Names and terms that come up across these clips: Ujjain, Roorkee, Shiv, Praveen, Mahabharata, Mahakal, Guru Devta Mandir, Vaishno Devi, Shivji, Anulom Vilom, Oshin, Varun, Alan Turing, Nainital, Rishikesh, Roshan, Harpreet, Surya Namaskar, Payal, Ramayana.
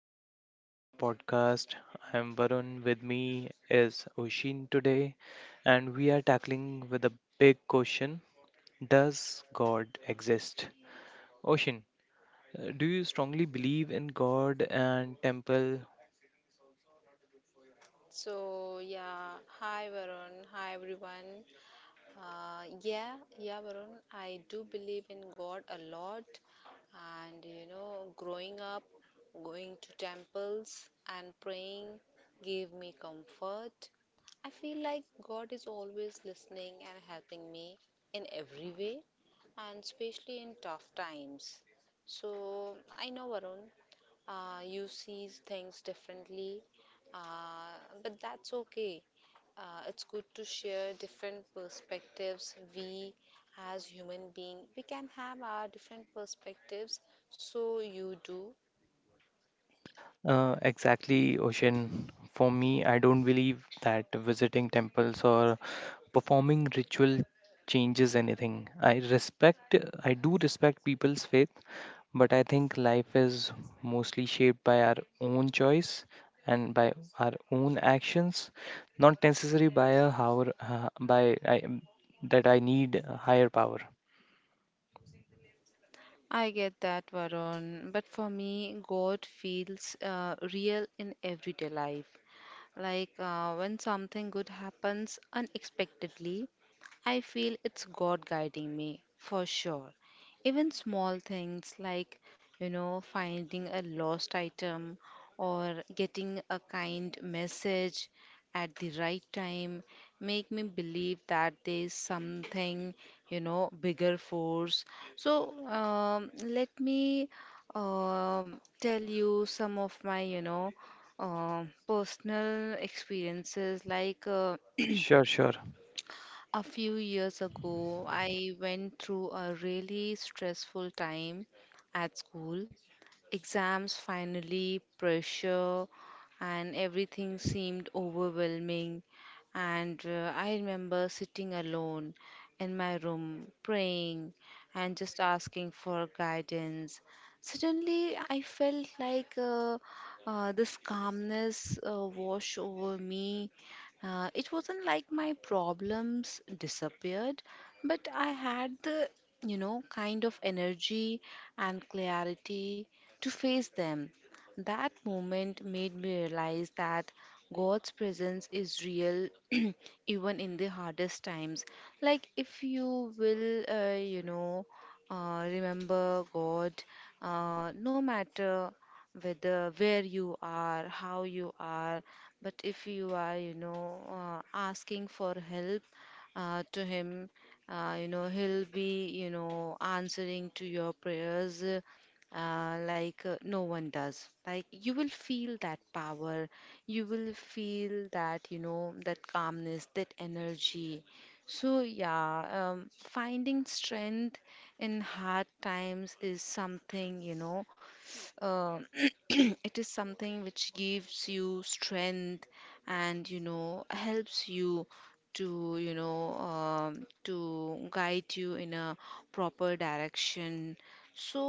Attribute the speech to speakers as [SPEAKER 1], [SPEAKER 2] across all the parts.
[SPEAKER 1] welcome back to our podcast. I'm Varun, with me is Oshin today, and we are tackling with a big question. Does God exist? Oshin, do you strongly believe in God and temple?
[SPEAKER 2] So yeah, hi Varun, hi everyone. Yeah Varun, I do believe in God a lot, and you know, growing up, going to temples and praying gave me comfort. I feel like God is always listening and helping me in every way, and especially in tough times. So I know Varun, you see things differently, but that's okay. It's good to share different perspectives. We as human being we can have our different perspectives, so you do.
[SPEAKER 1] Exactly, Ocean. For me, I don't believe that visiting temples or performing ritual changes anything. I do respect people's faith, but I think life is mostly shaped by our own choice and by our own actions, not necessarily by a hour, by I, that I need a higher power.
[SPEAKER 2] I get that, Varun, but for me, God feels real in everyday life. Like when something good happens unexpectedly, I feel it's God guiding me for sure. Even small things like, you know, finding a lost item or getting a kind message at the right time make me believe that there's something, you know, bigger force. So let me tell you some of my, personal experiences like
[SPEAKER 1] Sure, sure.
[SPEAKER 2] a few years ago, I went through a really stressful time at school. Exams finally, pressure, and everything seemed overwhelming. And I remember sitting alone in my room, praying and just asking for guidance. Suddenly, I felt like this calmness wash over me. It wasn't like my problems disappeared, but I had the, you know, kind of energy and clarity to face them. That moment made me realize that God's presence is real even in the hardest times. Like, if you will, you know, remember God, no matter whether where you are, how you are, but if you are, you know, asking for help to Him, you know, He'll be, you know, answering to your prayers no one does. Like you will feel that power, you will feel that, you know, that calmness, that energy. So, yeah, finding strength in hard times is something, uh, it is something which gives you strength and you know helps you to you know to guide you in a proper direction. So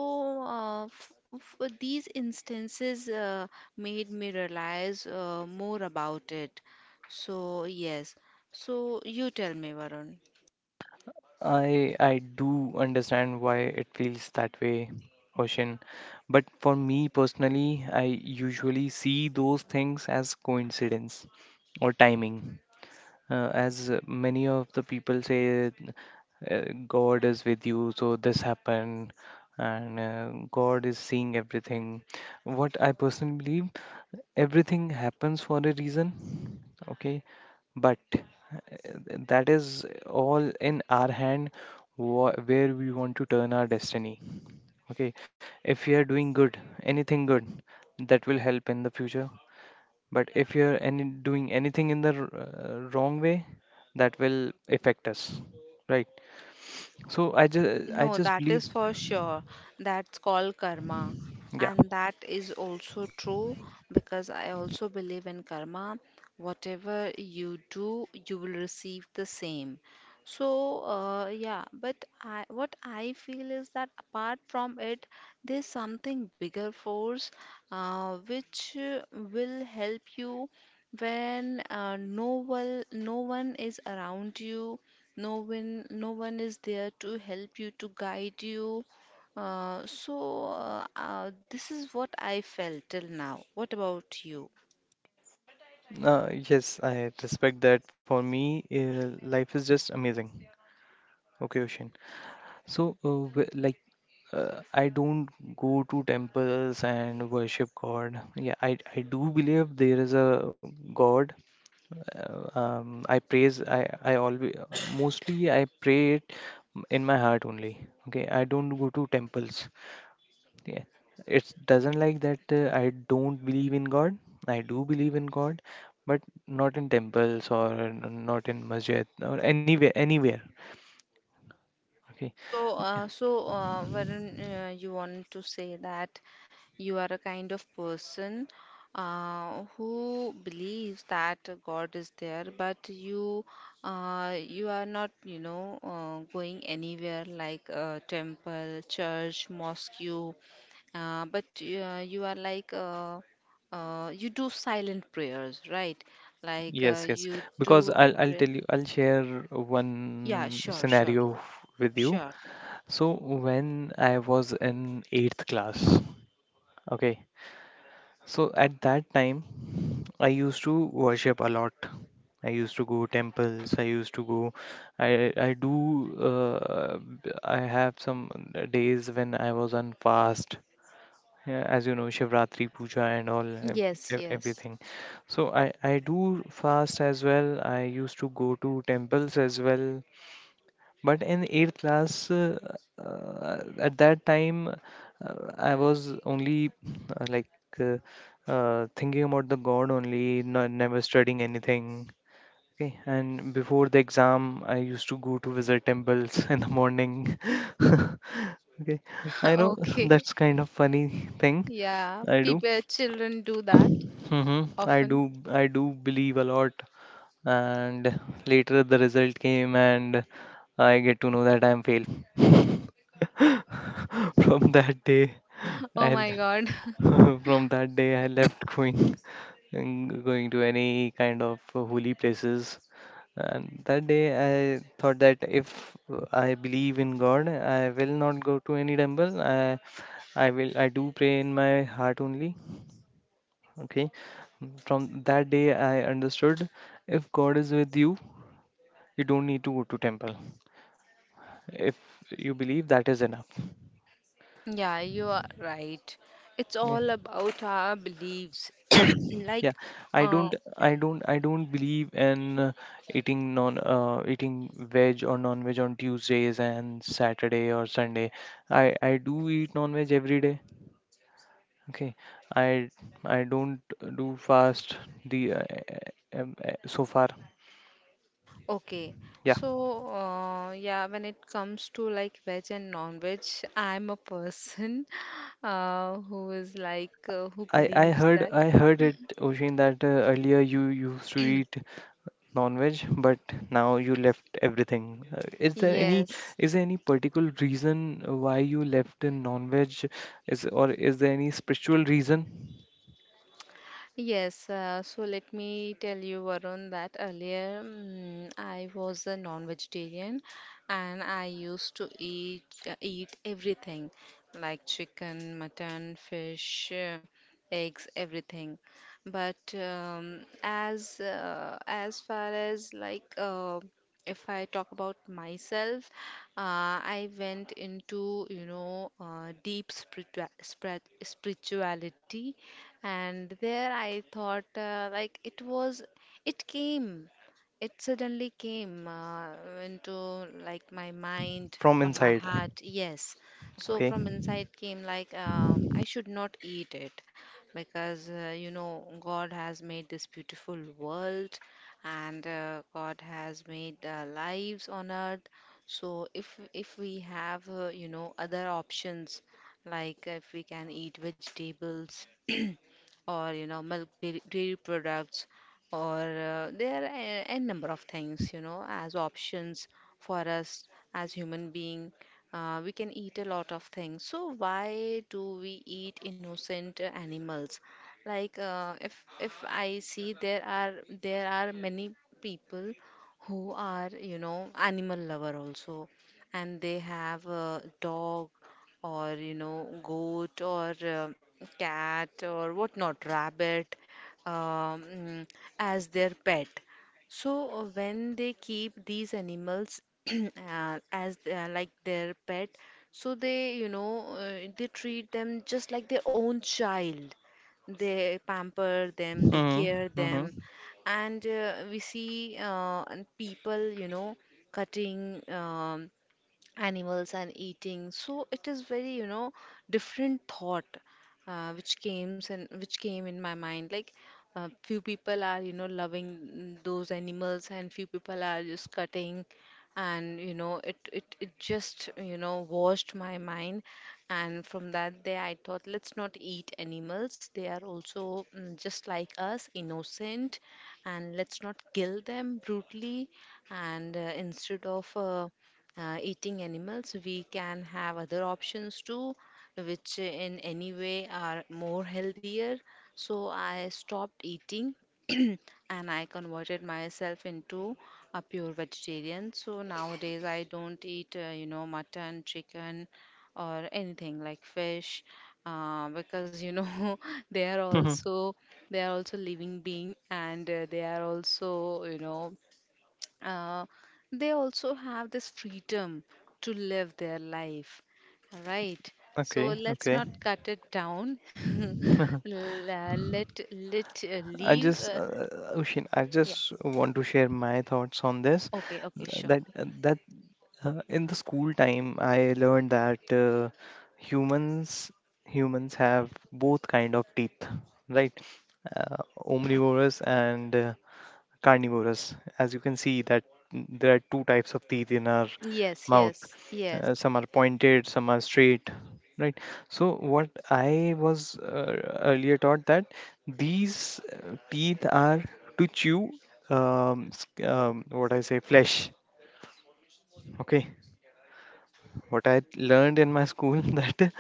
[SPEAKER 2] these instances made me realize more about it. So yes, so you tell me Varun.
[SPEAKER 1] I do understand why it feels that way, Ocean. But for me personally, I usually see those things as coincidence or timing, as many of the people say. uh, God is with you, so this happened, and god is seeing everything. What I personally believe, everything happens for a reason. Okay, but that is all in our hand. Where we want to turn our destiny. Okay, if we are doing good, anything good, that will help in the future. But if you're any doing anything in the wrong way, that will affect us, right? So i just i
[SPEAKER 2] No,
[SPEAKER 1] just
[SPEAKER 2] that
[SPEAKER 1] believe.
[SPEAKER 2] is for sure. That's called karma.
[SPEAKER 1] Yeah.
[SPEAKER 2] And that is also true because I also believe in karma. Whatever you do, you will receive the same. So, yeah, but what I feel is that apart from it, there's something bigger force which will help you when no one is around you, no one is there to help you, to guide you. So this is what I felt till now. What about you?
[SPEAKER 1] Yes, I respect that. For me, life is just amazing. Okay, Ocean. So, like, I don't go to temples and worship God. Yeah, I do believe there is a God. I praise. I always, mostly I pray it in my heart only. Okay, I don't go to temples. Yeah, it doesn't like that. I don't believe in God. I do believe in God, but not in temples or not in masjid or anywhere. Anywhere. Okay.
[SPEAKER 2] So Varun, you want to say that you are a kind of person who believes that God is there, but you you are not, you know, going anywhere like temple, church, mosque, but you are like you do silent prayers, right? Like uh,
[SPEAKER 1] Yes, yes.
[SPEAKER 2] you
[SPEAKER 1] Because
[SPEAKER 2] do,
[SPEAKER 1] I'll tell
[SPEAKER 2] pray-
[SPEAKER 1] you, I'll share
[SPEAKER 2] yeah,
[SPEAKER 1] one
[SPEAKER 2] sure, sure,
[SPEAKER 1] scenario with you.
[SPEAKER 2] sure.
[SPEAKER 1] So when I was in eighth class. Okay. So at that time, I used to worship a lot. I used to go temples. I used to go. I do. I have some days when I was on fast. Yeah, as you know, shivratri puja and all
[SPEAKER 2] Yes, yes.
[SPEAKER 1] everything. So I do fast as well. I used to go to temples as well. But in 8th class, at that time, I was only, uh, thinking about the god only, not, never studying anything. Okay, and before the exam, I used to go to visit temples in the morning. Okay, I know
[SPEAKER 2] Okay.
[SPEAKER 1] that's kind of funny thing
[SPEAKER 2] Yeah,
[SPEAKER 1] I do.
[SPEAKER 2] people, children do that
[SPEAKER 1] Hmm. I
[SPEAKER 2] often.
[SPEAKER 1] do, I do believe a lot, and later the result came, and I get to know that I'm fail. From that day,
[SPEAKER 2] Oh
[SPEAKER 1] I
[SPEAKER 2] my God.
[SPEAKER 1] from that day I left going and going to any kind of holy places. And that day, I thought that if I believe in God, I will not go to any temple. I do pray in my heart only. Okay. From that day, I understood, if God is with you, you don't need to go to temple. If you believe, that is enough.
[SPEAKER 2] Yeah, you are right. It's
[SPEAKER 1] Okay.
[SPEAKER 2] all about our beliefs.
[SPEAKER 1] Yeah,
[SPEAKER 2] Like,
[SPEAKER 1] i
[SPEAKER 2] uh,
[SPEAKER 1] don't I don't believe in eating veg or non veg on Tuesdays and Saturday or Sunday. I i do eat non veg every day. Okay, i I don't do fast. The So far.
[SPEAKER 2] okay.
[SPEAKER 1] Yeah.
[SPEAKER 2] So, yeah, when it comes to like veg and non-veg, I'm a person, who is like who
[SPEAKER 1] i i
[SPEAKER 2] believes
[SPEAKER 1] heard
[SPEAKER 2] that.
[SPEAKER 1] i heard it, Oshin, that earlier you used to eat non-veg, but now you left everything. Is there any,
[SPEAKER 2] Yes.
[SPEAKER 1] particular reason why you left in non-veg? Is there any spiritual reason
[SPEAKER 2] Yes, so let me tell you, Varun, that earlier I was a non-vegetarian and I used to eat eat everything like chicken, mutton, fish, eggs, everything. But as far as like if I talk about myself, I went into you know deep spirituality. And there I thought, it came, it suddenly came into like my mind
[SPEAKER 1] from
[SPEAKER 2] or my
[SPEAKER 1] inside?
[SPEAKER 2] heart. Yes. So
[SPEAKER 1] Okay.
[SPEAKER 2] from inside came, like, I should not eat it because, you know, God has made this beautiful world and God has made lives on earth. So if we have, you know, other options, like if we can eat vegetables. Or you know dairy products, or there are a number of things you know as options for us. As human being, we can eat a lot of things. So why do we eat innocent animals? Like if I see, there are many people who are you know animal lover also, and they have a dog or you know goat or cat or whatnot, rabbit, um, mm, as their pet. So when they keep these animals, as they are like their pet, so they you know they treat them just like their own child. They pamper them, they care
[SPEAKER 1] Mm-hmm.
[SPEAKER 2] them.
[SPEAKER 1] Mm-hmm.
[SPEAKER 2] And we see and people you know cutting animals and eating. So it is very you know different thought which came in my mind. Like few people are you know loving those animals, and few people are just cutting. And you know it just you know washed my mind. And from that day I thought, let's not eat animals. They are also just like us, innocent. And let's not kill them brutally. And instead of eating animals, we can have other options too, which in any way are more healthier. So I stopped eating and I converted myself into a pure vegetarian. So nowadays I don't eat, you know, mutton, chicken, or anything like fish, because you know they are
[SPEAKER 1] Mm-hmm.
[SPEAKER 2] also living being. And they are also you know uh, they also have this freedom to live their life, right? So
[SPEAKER 1] Okay.
[SPEAKER 2] let's
[SPEAKER 1] Okay.
[SPEAKER 2] not cut it down. Let
[SPEAKER 1] I
[SPEAKER 2] leave.
[SPEAKER 1] just, Ushin, I
[SPEAKER 2] Yeah.
[SPEAKER 1] just want to share my thoughts on this.
[SPEAKER 2] Okay. Okay. Sure.
[SPEAKER 1] That that in the school time, I learned that humans humans have both kind of teeth, right? Uh, Omnivorous and carnivorous. As you can see, that there are two types of teeth in our
[SPEAKER 2] Yes.
[SPEAKER 1] mouth.
[SPEAKER 2] Yes. Yes.
[SPEAKER 1] Some are pointed, some are straight, right? So what I was earlier taught that these teeth are to chew, what I say, flesh, okay? What I learned in my school that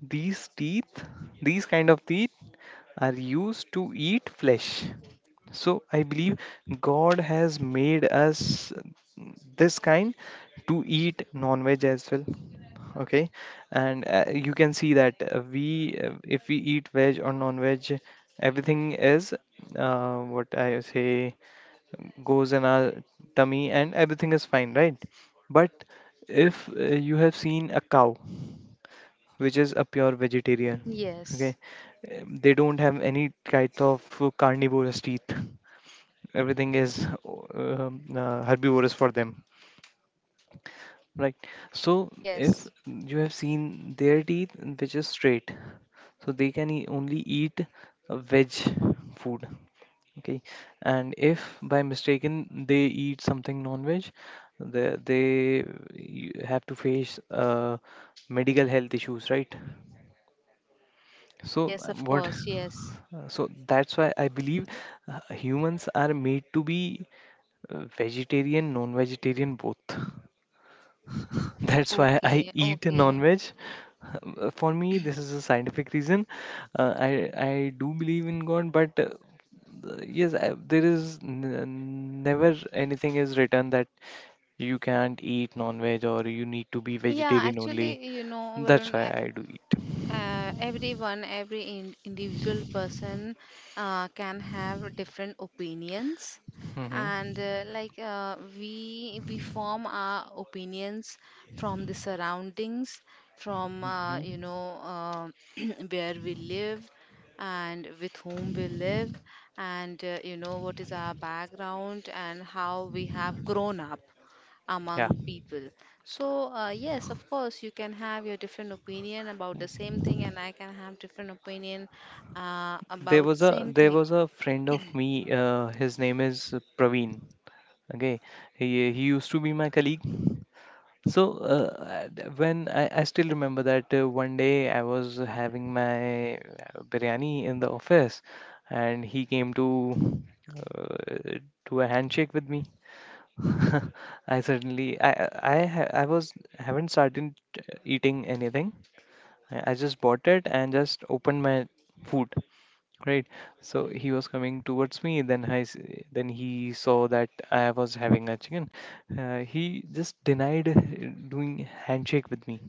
[SPEAKER 1] these teeth, these kind of teeth, are used to eat flesh. So I believe God has made us this kind to eat non-veg as well. Okay, and you can see that if we eat veg or non-veg, everything is, what I say, goes in our tummy and everything is fine, right? But if you have seen a cow, which is a pure vegetarian, okay,
[SPEAKER 2] Yes.
[SPEAKER 1] they don't have any kind of carnivorous teeth. Everything is herbivorous for them. Right. So if
[SPEAKER 2] Yes.
[SPEAKER 1] you have seen their teeth, which is straight, so they can only eat veg food. Okay. And if by mistaken they eat something non-veg, they have to face medical health issues, right? So
[SPEAKER 2] Yes. Of
[SPEAKER 1] what?
[SPEAKER 2] course. Yes.
[SPEAKER 1] So that's why I believe humans are made to be vegetarian, non-vegetarian, both. That's why I
[SPEAKER 2] Okay.
[SPEAKER 1] eat
[SPEAKER 2] Okay.
[SPEAKER 1] non-veg. For me, this is a scientific reason. Uh, I I do believe in God, but yes, there is never anything is written that you can't eat non-veg or you need to be
[SPEAKER 2] Yeah,
[SPEAKER 1] vegetarian only.
[SPEAKER 2] actually, you know,
[SPEAKER 1] That's
[SPEAKER 2] Varun,
[SPEAKER 1] why
[SPEAKER 2] I,
[SPEAKER 1] I do eat.
[SPEAKER 2] Everyone, every in individual person can have different opinions,
[SPEAKER 1] Hmm.
[SPEAKER 2] and we form our opinions from the surroundings, from
[SPEAKER 1] Hmm.
[SPEAKER 2] where we live, and with whom we live, and you know what is our background and how we have grown up
[SPEAKER 1] Yeah.
[SPEAKER 2] among people. So, yes, of course, you can have your different opinion about the same thing, and I can have different opinion
[SPEAKER 1] There
[SPEAKER 2] about the
[SPEAKER 1] was a
[SPEAKER 2] same
[SPEAKER 1] there
[SPEAKER 2] thing.
[SPEAKER 1] was a friend of me. His name is Praveen. Okay, he he used to be my colleague. So, when I still remember that one day I was having my biryani in the office, and he came to uh, do a handshake with me. I certainly, I was, haven't started eating anything. I just bought it and just opened my food. Right. So he was coming towards me. Then he saw that I was having a chicken. He just denied doing handshake with me.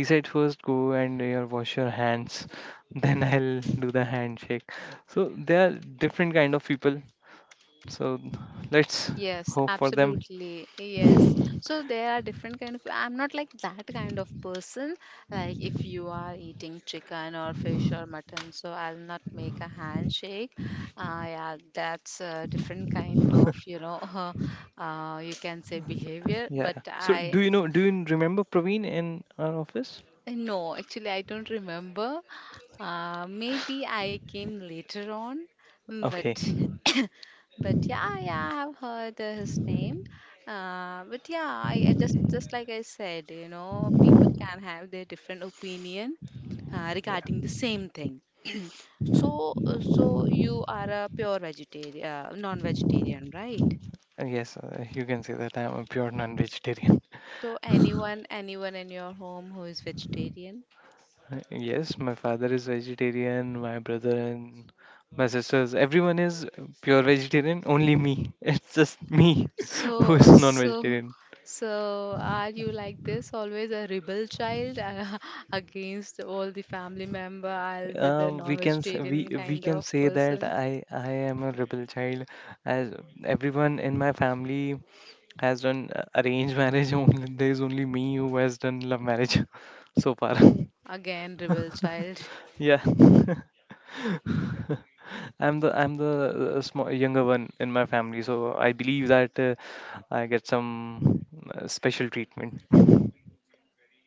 [SPEAKER 1] He said, "First, go and wash your hands, then I'll do the handshake." So they are different kind of people. So let's
[SPEAKER 2] Yes,
[SPEAKER 1] hope for them.
[SPEAKER 2] absolutely. Yes. So there are different kind of, I'm not like that kind of person. Like if you are eating chicken or fish or mutton, so I'll not make a handshake. Yeah, that's a different kind of, you know, you can say behavior, but
[SPEAKER 1] Yeah. So
[SPEAKER 2] I.
[SPEAKER 1] do you know? Do you remember Praveen in our office?
[SPEAKER 2] No, actually, I don't remember. Maybe I came later on, but
[SPEAKER 1] Okay.
[SPEAKER 2] but yeah, yeah, I have heard his name. But yeah, I just like I said, you know, people can have their different opinion
[SPEAKER 1] Yeah.
[SPEAKER 2] regarding the same thing. So so you are a pure vegetarian, non-vegetarian, right?
[SPEAKER 1] Yes. You can say that I'm a pure non-vegetarian.
[SPEAKER 2] So anyone in your home who is vegetarian?
[SPEAKER 1] Yes, my father is vegetarian, my brother and my sisters, everyone is pure vegetarian, only me. It's just me who
[SPEAKER 2] So,
[SPEAKER 1] is
[SPEAKER 2] so,
[SPEAKER 1] non-vegetarian.
[SPEAKER 2] so, are you like this? Always a rebel child against all the family member, I'll with the
[SPEAKER 1] Um, we can s- we
[SPEAKER 2] non-vegetarian
[SPEAKER 1] we
[SPEAKER 2] kind of
[SPEAKER 1] can say that
[SPEAKER 2] person?
[SPEAKER 1] I am a rebel child, as everyone in my family has done arranged marriage. Only there is only me who has done love marriage so far.
[SPEAKER 2] Oh, again, rebel child.
[SPEAKER 1] Yeah. I'm the small, younger one in my family, so I believe that I get some special treatment.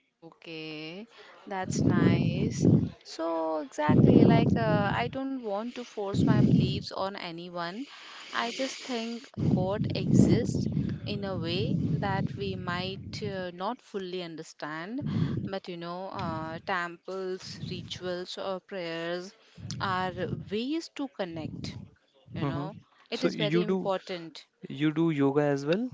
[SPEAKER 2] Okay, that's nice. So, exactly, like I don't want to force my beliefs on anyone. I just think God exists in a way that we might not fully understand. But you know, temples, rituals, or prayers are ways to connect, you
[SPEAKER 1] Hmm.
[SPEAKER 2] know. It
[SPEAKER 1] So
[SPEAKER 2] is very important.
[SPEAKER 1] you do yoga as well?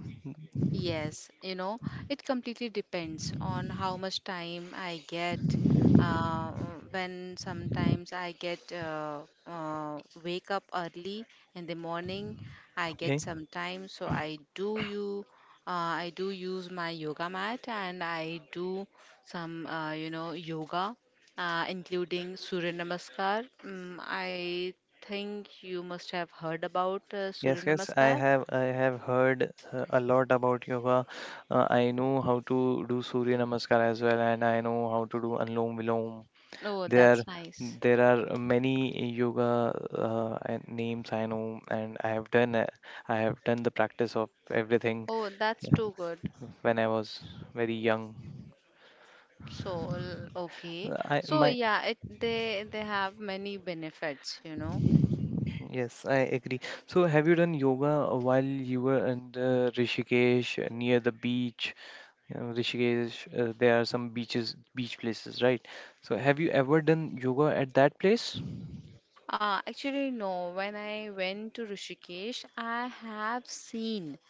[SPEAKER 2] Yes, you know, it completely depends on how much time I get. Uh, when sometimes I get wake up early in the morning, I get
[SPEAKER 1] Okay.
[SPEAKER 2] some time, so I do use my yoga mat and I do some you know yoga, including Surya Namaskar. I think you must have heard about Surya
[SPEAKER 1] Yes, yes, I
[SPEAKER 2] Namaskar.
[SPEAKER 1] have I have heard a lot about yoga. I know how to do Surya Namaskar as well, and I know how to do Anulom Vilom.
[SPEAKER 2] Oh,
[SPEAKER 1] There
[SPEAKER 2] that's nice.
[SPEAKER 1] there are many yoga and names I know, and I have done the practice of everything.
[SPEAKER 2] Oh, that's too good.
[SPEAKER 1] When I was very young.
[SPEAKER 2] So, okay.
[SPEAKER 1] I
[SPEAKER 2] So,
[SPEAKER 1] my
[SPEAKER 2] yeah, it they have many benefits, you know.
[SPEAKER 1] Yes, I agree. So have you done yoga while you were in the Rishikesh, near the beach? You know, Rishikesh, there are some beaches, beach places, right? So have you ever done yoga at that place?
[SPEAKER 2] Actually, no. When I went to Rishikesh, I have seen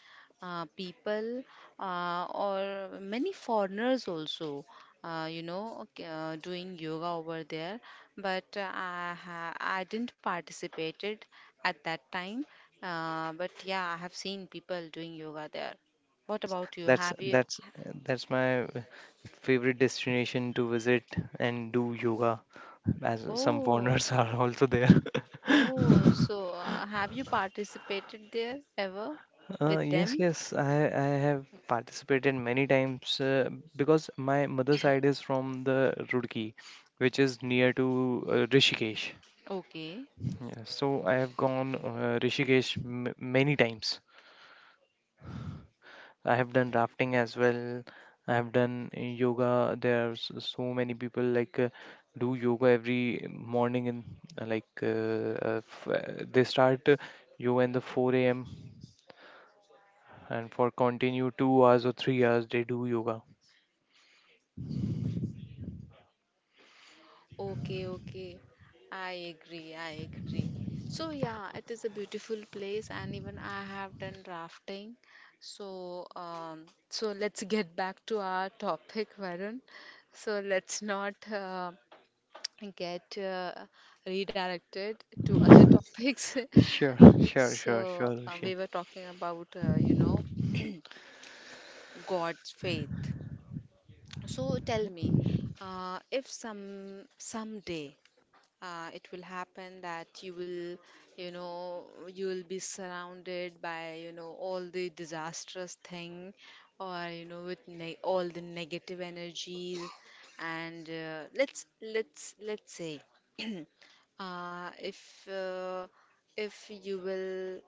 [SPEAKER 2] people or many foreigners also, doing yoga over there. But I didn't participated at that time. But yeah, I have seen people doing yoga there. What about you? Have you.
[SPEAKER 1] That's my favorite destination to visit and do yoga, as some
[SPEAKER 2] Oh,
[SPEAKER 1] foreigners are also there.
[SPEAKER 2] oh, so have you participated there ever with
[SPEAKER 1] Yes,
[SPEAKER 2] them?
[SPEAKER 1] yes, I have participated many times, because my mother side is from the Roorkee, which is near to Rishikesh.
[SPEAKER 2] Okay.
[SPEAKER 1] Yeah, so I have gone Rishikesh m many times. I have done rafting as well. I have done yoga. There are so many people, like, do yoga every morning, and like f they start yoga in the 4 a.m. and for continue 2 hours or 3 hours they do yoga.
[SPEAKER 2] Okay, okay. I agree, I agree. So yeah, it is a beautiful place and even I have done rafting. So so let's get back to our topic, Varun. So let's not get redirected to other topics.
[SPEAKER 1] Sure, sure, sure, sure,
[SPEAKER 2] So
[SPEAKER 1] Roshan.
[SPEAKER 2] we were talking about you know God's faith. So tell me, if someday it will happen that you will be surrounded by all the disastrous thing or with ne all the negative energies And let's say uh, if uh, if you will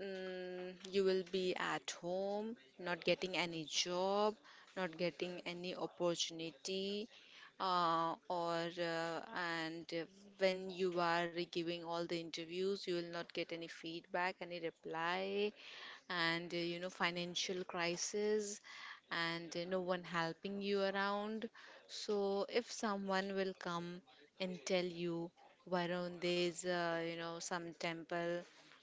[SPEAKER 2] you will be at home, not getting any job, not getting any opportunity, or and when you are giving all the interviews you will not get any feedback, any reply, and financial crisis, and no one helping you around. So if someone will come and tell you, Varun, there's some temple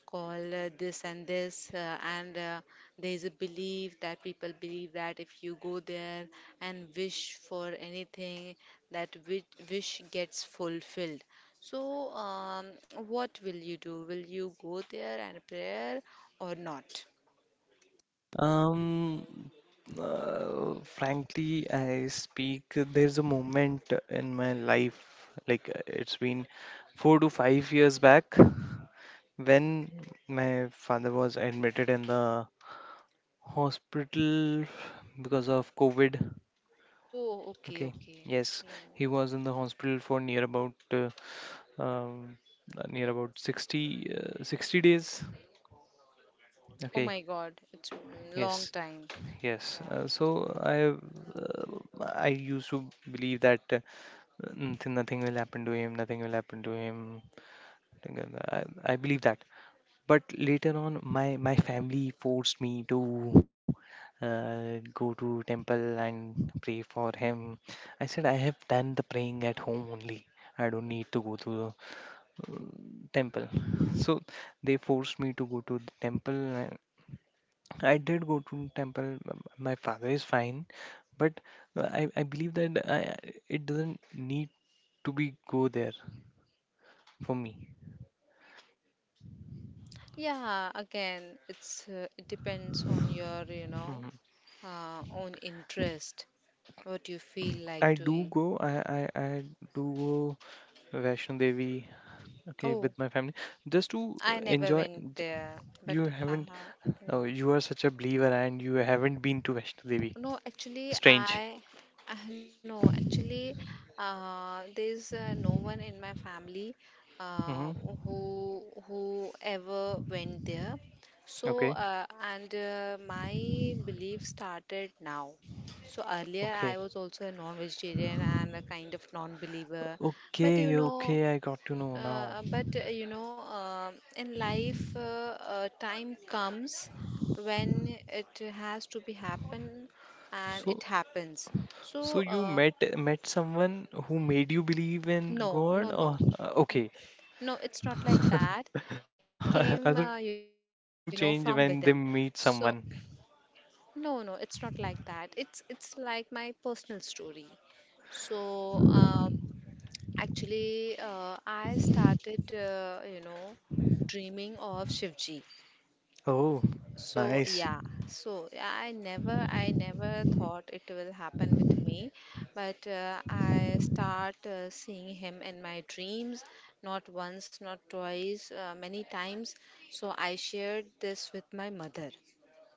[SPEAKER 2] called this and this, and there's a belief that people believe that if you go there and wish for anything, that wish gets fulfilled. So, what will you do? Will you go there and prayer or not?
[SPEAKER 1] Um, Frankly, I speak. There's a moment in my life, like, it's been 4 to 5 years back, when my father was admitted in the hospital because of COVID.
[SPEAKER 2] Oh, okay,
[SPEAKER 1] Okay,
[SPEAKER 2] okay.
[SPEAKER 1] yes, he was in the hospital for um, near about 60, 60 days.
[SPEAKER 2] Oh
[SPEAKER 1] Okay.
[SPEAKER 2] my God, it's long
[SPEAKER 1] Yes,
[SPEAKER 2] time.
[SPEAKER 1] yes.
[SPEAKER 2] Yeah.
[SPEAKER 1] Uh, I used to believe that "Mm, nothing will happen to him. Nothing will happen to him." I believe that. But later on, my family forced me to go to temple and pray for him. I said I have done the praying at home only. I don't need to go to the temple. So they forced me to go to the temple. I did go to temple. My father is fine, but I believe that it doesn't need to be go there for me.
[SPEAKER 2] Yeah, again, it's it depends on your, own interest, what you feel like
[SPEAKER 1] I do
[SPEAKER 2] doing.
[SPEAKER 1] go. I do go Vaishno Devi. Okay, with
[SPEAKER 2] Oh,
[SPEAKER 1] my family, just to
[SPEAKER 2] I never
[SPEAKER 1] enjoy.
[SPEAKER 2] went there, but
[SPEAKER 1] You
[SPEAKER 2] uh,
[SPEAKER 1] haven't. Oh,
[SPEAKER 2] no.
[SPEAKER 1] you are such a believer, and you haven't been to Vaishno Devi.
[SPEAKER 2] No, actually,
[SPEAKER 1] Strange.
[SPEAKER 2] I no, actually, there's no one in my family uh,
[SPEAKER 1] Mm-hmm.
[SPEAKER 2] who ever went there. So,
[SPEAKER 1] Okay.
[SPEAKER 2] and my belief started now. So earlier,
[SPEAKER 1] Okay.
[SPEAKER 2] I was also a non-vegetarian and a kind of non-believer. But
[SPEAKER 1] Okay.
[SPEAKER 2] you know,
[SPEAKER 1] Okay. I got to know
[SPEAKER 2] uh,
[SPEAKER 1] now.
[SPEAKER 2] but you know, in life, time comes when it has to be happen, and it
[SPEAKER 1] So
[SPEAKER 2] happens. So,
[SPEAKER 1] So you met someone who made you believe in
[SPEAKER 2] no,
[SPEAKER 1] God,
[SPEAKER 2] no,
[SPEAKER 1] or
[SPEAKER 2] no,
[SPEAKER 1] okay.
[SPEAKER 2] no. It's not like that. It came,
[SPEAKER 1] I
[SPEAKER 2] you
[SPEAKER 1] thought
[SPEAKER 2] know,
[SPEAKER 1] people
[SPEAKER 2] from
[SPEAKER 1] people do
[SPEAKER 2] within.
[SPEAKER 1] change when they
[SPEAKER 2] So,
[SPEAKER 1] meet someone.
[SPEAKER 2] no, no, it's not like that. It's like my personal story. So, actually, I started you know, dreaming of Shivji.
[SPEAKER 1] Oh,
[SPEAKER 2] So
[SPEAKER 1] nice.
[SPEAKER 2] yeah, so yeah, I never thought it will happen with me, but I start seeing him in my dreams, not once, not twice, many times. So I shared this with my mother,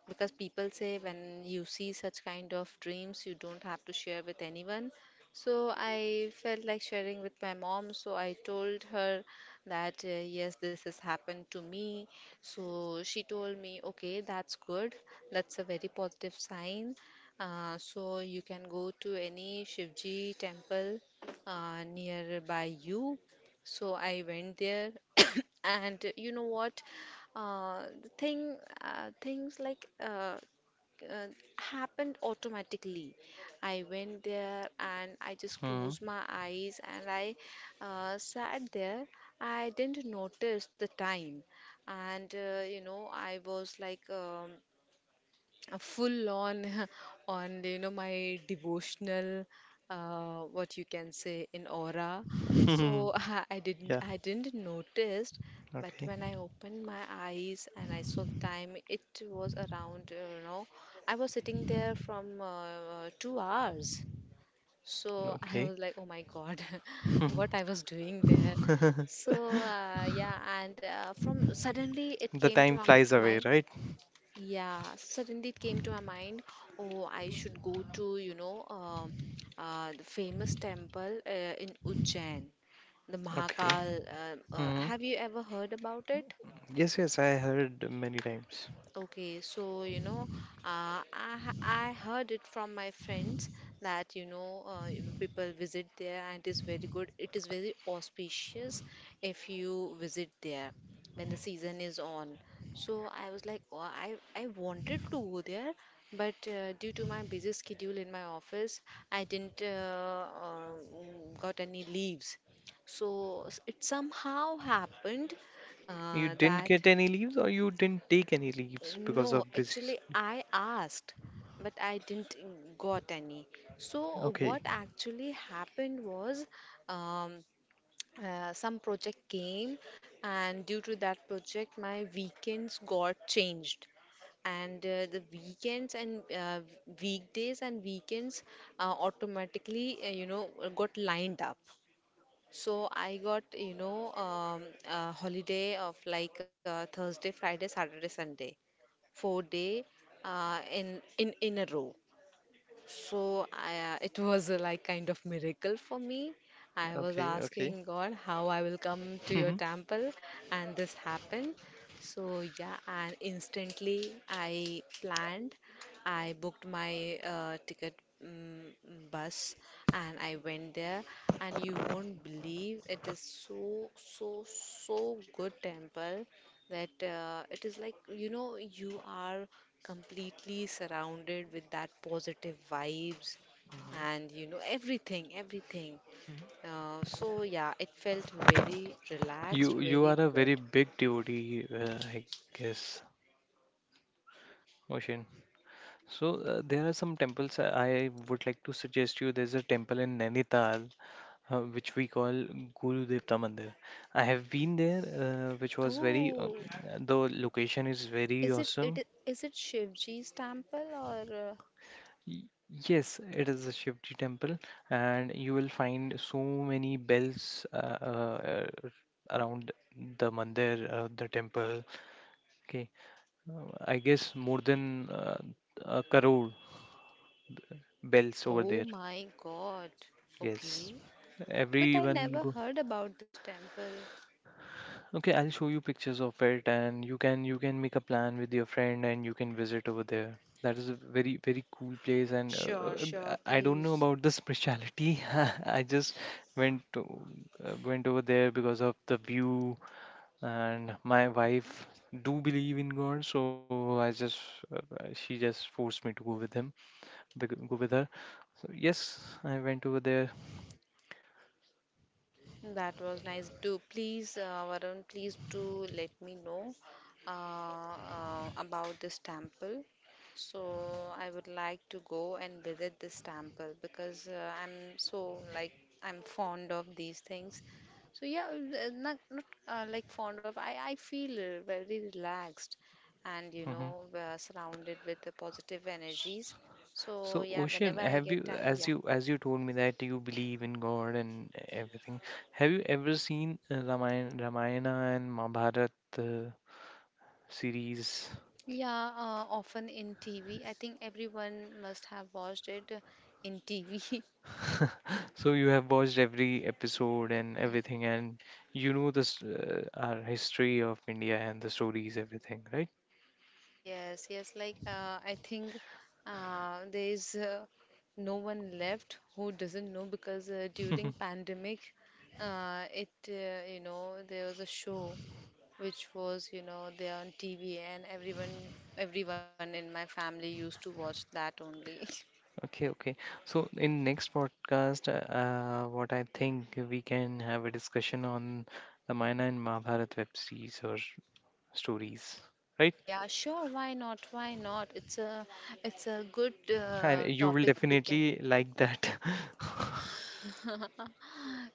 [SPEAKER 2] because people say when you see such kind of dreams you don't have to share with anyone. So I felt like sharing with my mom, so I told her that, yes, this has happened to me. So she told me, okay, that's good, that's a very positive sign. So you can go to any Shivji temple nearby you. So I went there, and you know what? Things like uh, happened automatically. I went there and I just
[SPEAKER 1] Hmm.
[SPEAKER 2] closed my eyes and I sat there. I didn't notice the time, and you know, I was like full on on my devotional, what you can say, in aura. So
[SPEAKER 1] Yeah.
[SPEAKER 2] I didn't notice, but
[SPEAKER 1] Okay.
[SPEAKER 2] when I opened my eyes and I saw the time, it was around, I was sitting there from 2 hours. So I
[SPEAKER 1] Okay.
[SPEAKER 2] was like, oh my God, what I was doing there. So yeah, and from suddenly it
[SPEAKER 1] The
[SPEAKER 2] came to
[SPEAKER 1] time
[SPEAKER 2] my
[SPEAKER 1] flies
[SPEAKER 2] mind.
[SPEAKER 1] away, right?
[SPEAKER 2] Yeah, suddenly it came to my mind, oh, I should go to, the famous temple in Ujjain, the
[SPEAKER 1] Okay.
[SPEAKER 2] Mahakal.
[SPEAKER 1] Hmm.
[SPEAKER 2] Have you ever heard about it?
[SPEAKER 1] Yes. Yes. I heard many times.
[SPEAKER 2] Okay, so you know, I heard it from my friends that people visit there and it is very good. It is very auspicious if you visit there when the season is on. So I was like, oh, I wanted to go there, but due to my busy schedule in my office, I didn't uh, got any leaves. So it somehow happened
[SPEAKER 1] You didn't
[SPEAKER 2] that
[SPEAKER 1] get any leaves, or you didn't take any leaves
[SPEAKER 2] no,
[SPEAKER 1] because of busy.
[SPEAKER 2] actually, I asked, but I didn't got any. So,
[SPEAKER 1] Okay.
[SPEAKER 2] what actually happened was, um, some project came, and due to that project, my weekends got changed. And the weekends and weekdays and weekends automatically, got lined up. So I got, a holiday of like Thursday, Friday, Saturday, Sunday, 4 day in a row. So it was a, like, kind of miracle for me. I was
[SPEAKER 1] Okay. Okay.
[SPEAKER 2] asking God how I will come to your temple, and this happened. So yeah, and instantly I planned. I booked my ticket, um, bus, and I went there. And you won't believe, it is so so so good temple that it is like, you know, you are completely surrounded with that positive vibes and everything, everything. So yeah, it felt very relaxed,
[SPEAKER 1] You
[SPEAKER 2] very
[SPEAKER 1] are a
[SPEAKER 2] good.
[SPEAKER 1] very big devotee, I guess, Oshin. So there are some temples I would like to suggest you. There's a temple in Nainital, which we call Guru Devta Mandir. I have been there, which was very.
[SPEAKER 2] Oh,
[SPEAKER 1] The location is very
[SPEAKER 2] is
[SPEAKER 1] awesome.
[SPEAKER 2] is it Shivji's temple or?
[SPEAKER 1] Y- Yes, it is a Shivji temple, and you will find so many bells uh, around the mandir, the temple. Okay. I guess more than a crore bells over
[SPEAKER 2] Oh
[SPEAKER 1] there.
[SPEAKER 2] my God.
[SPEAKER 1] Yes.
[SPEAKER 2] Okay. But I
[SPEAKER 1] Everyone
[SPEAKER 2] never
[SPEAKER 1] go.
[SPEAKER 2] heard about this temple.
[SPEAKER 1] Okay, I'll show you pictures of it, and you can make a plan with your friend and you can visit over there. That is a very, very cool place, and
[SPEAKER 2] Sure, sure,
[SPEAKER 1] I don't know
[SPEAKER 2] please.
[SPEAKER 1] about the spirituality. I just went to, went over there because of the view, and my wife do believe in God, so I just she just forced me to go with him, go with her. So yes, I went over there.
[SPEAKER 2] That was nice. Do please, Varun, please do let me know about this temple. So I would like to go and visit this temple because I'm so like, I'm fond of these things. So yeah, not like fond of. I feel very relaxed, and you know,
[SPEAKER 1] Hmm.
[SPEAKER 2] we are surrounded with the positive energies. So
[SPEAKER 1] So,
[SPEAKER 2] yeah,
[SPEAKER 1] Ocean,
[SPEAKER 2] whenever I
[SPEAKER 1] have
[SPEAKER 2] get
[SPEAKER 1] you,
[SPEAKER 2] time,
[SPEAKER 1] as
[SPEAKER 2] yeah.
[SPEAKER 1] you as you told me that you believe in God and everything, have you ever seen Ramayana and Mahabharata uh, series?
[SPEAKER 2] Yeah, often in TV. I think everyone must have watched it in TV.
[SPEAKER 1] So you have watched every episode and everything, and you know this, uh, our history of India and the stories, everything, right?
[SPEAKER 2] Yes, yes. Like, I think there is no one left who doesn't know, because during pandemic, it you know, there was a show which was, you know, there on TV, and everyone in my family used to watch that only.
[SPEAKER 1] Okay, okay. So in next podcast, what I think, we can have a discussion on Ramayana and Mahabharata web series or stories, right?
[SPEAKER 2] Yeah, sure. Why not? Why not? It's a good
[SPEAKER 1] And you will
[SPEAKER 2] topic we can.
[SPEAKER 1] definitely like that.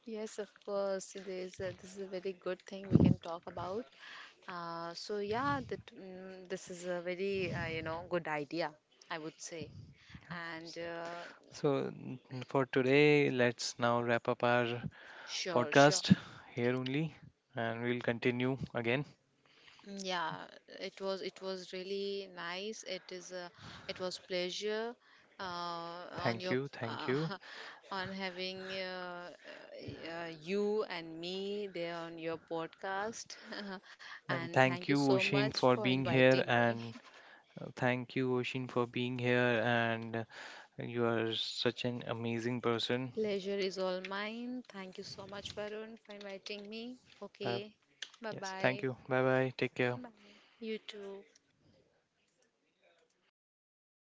[SPEAKER 2] Yes, of course. This is a very good thing we can talk about. So yeah, that this is a very you know, good idea, I would say. And
[SPEAKER 1] So, for today, let's now wrap up our
[SPEAKER 2] sure, sure.
[SPEAKER 1] podcast here only, and we'll continue again.
[SPEAKER 2] Yeah, it was, it was really nice. It is a, it was pleasure uh, on your
[SPEAKER 1] Thank
[SPEAKER 2] uh,
[SPEAKER 1] you,
[SPEAKER 2] on having you and me there on your podcast.
[SPEAKER 1] and
[SPEAKER 2] And thank
[SPEAKER 1] thank
[SPEAKER 2] you
[SPEAKER 1] you,
[SPEAKER 2] so
[SPEAKER 1] Oshin,
[SPEAKER 2] much
[SPEAKER 1] for
[SPEAKER 2] for
[SPEAKER 1] being here,
[SPEAKER 2] inviting me.
[SPEAKER 1] and thank you, Oshin, for being here, and you are such an amazing person.
[SPEAKER 2] Pleasure is all mine. Thank you so much, Varun, for inviting me.
[SPEAKER 1] Bye.
[SPEAKER 2] Okay, bye
[SPEAKER 1] Yes, thank
[SPEAKER 2] bye.
[SPEAKER 1] you. Bye bye. Take care.
[SPEAKER 2] You too.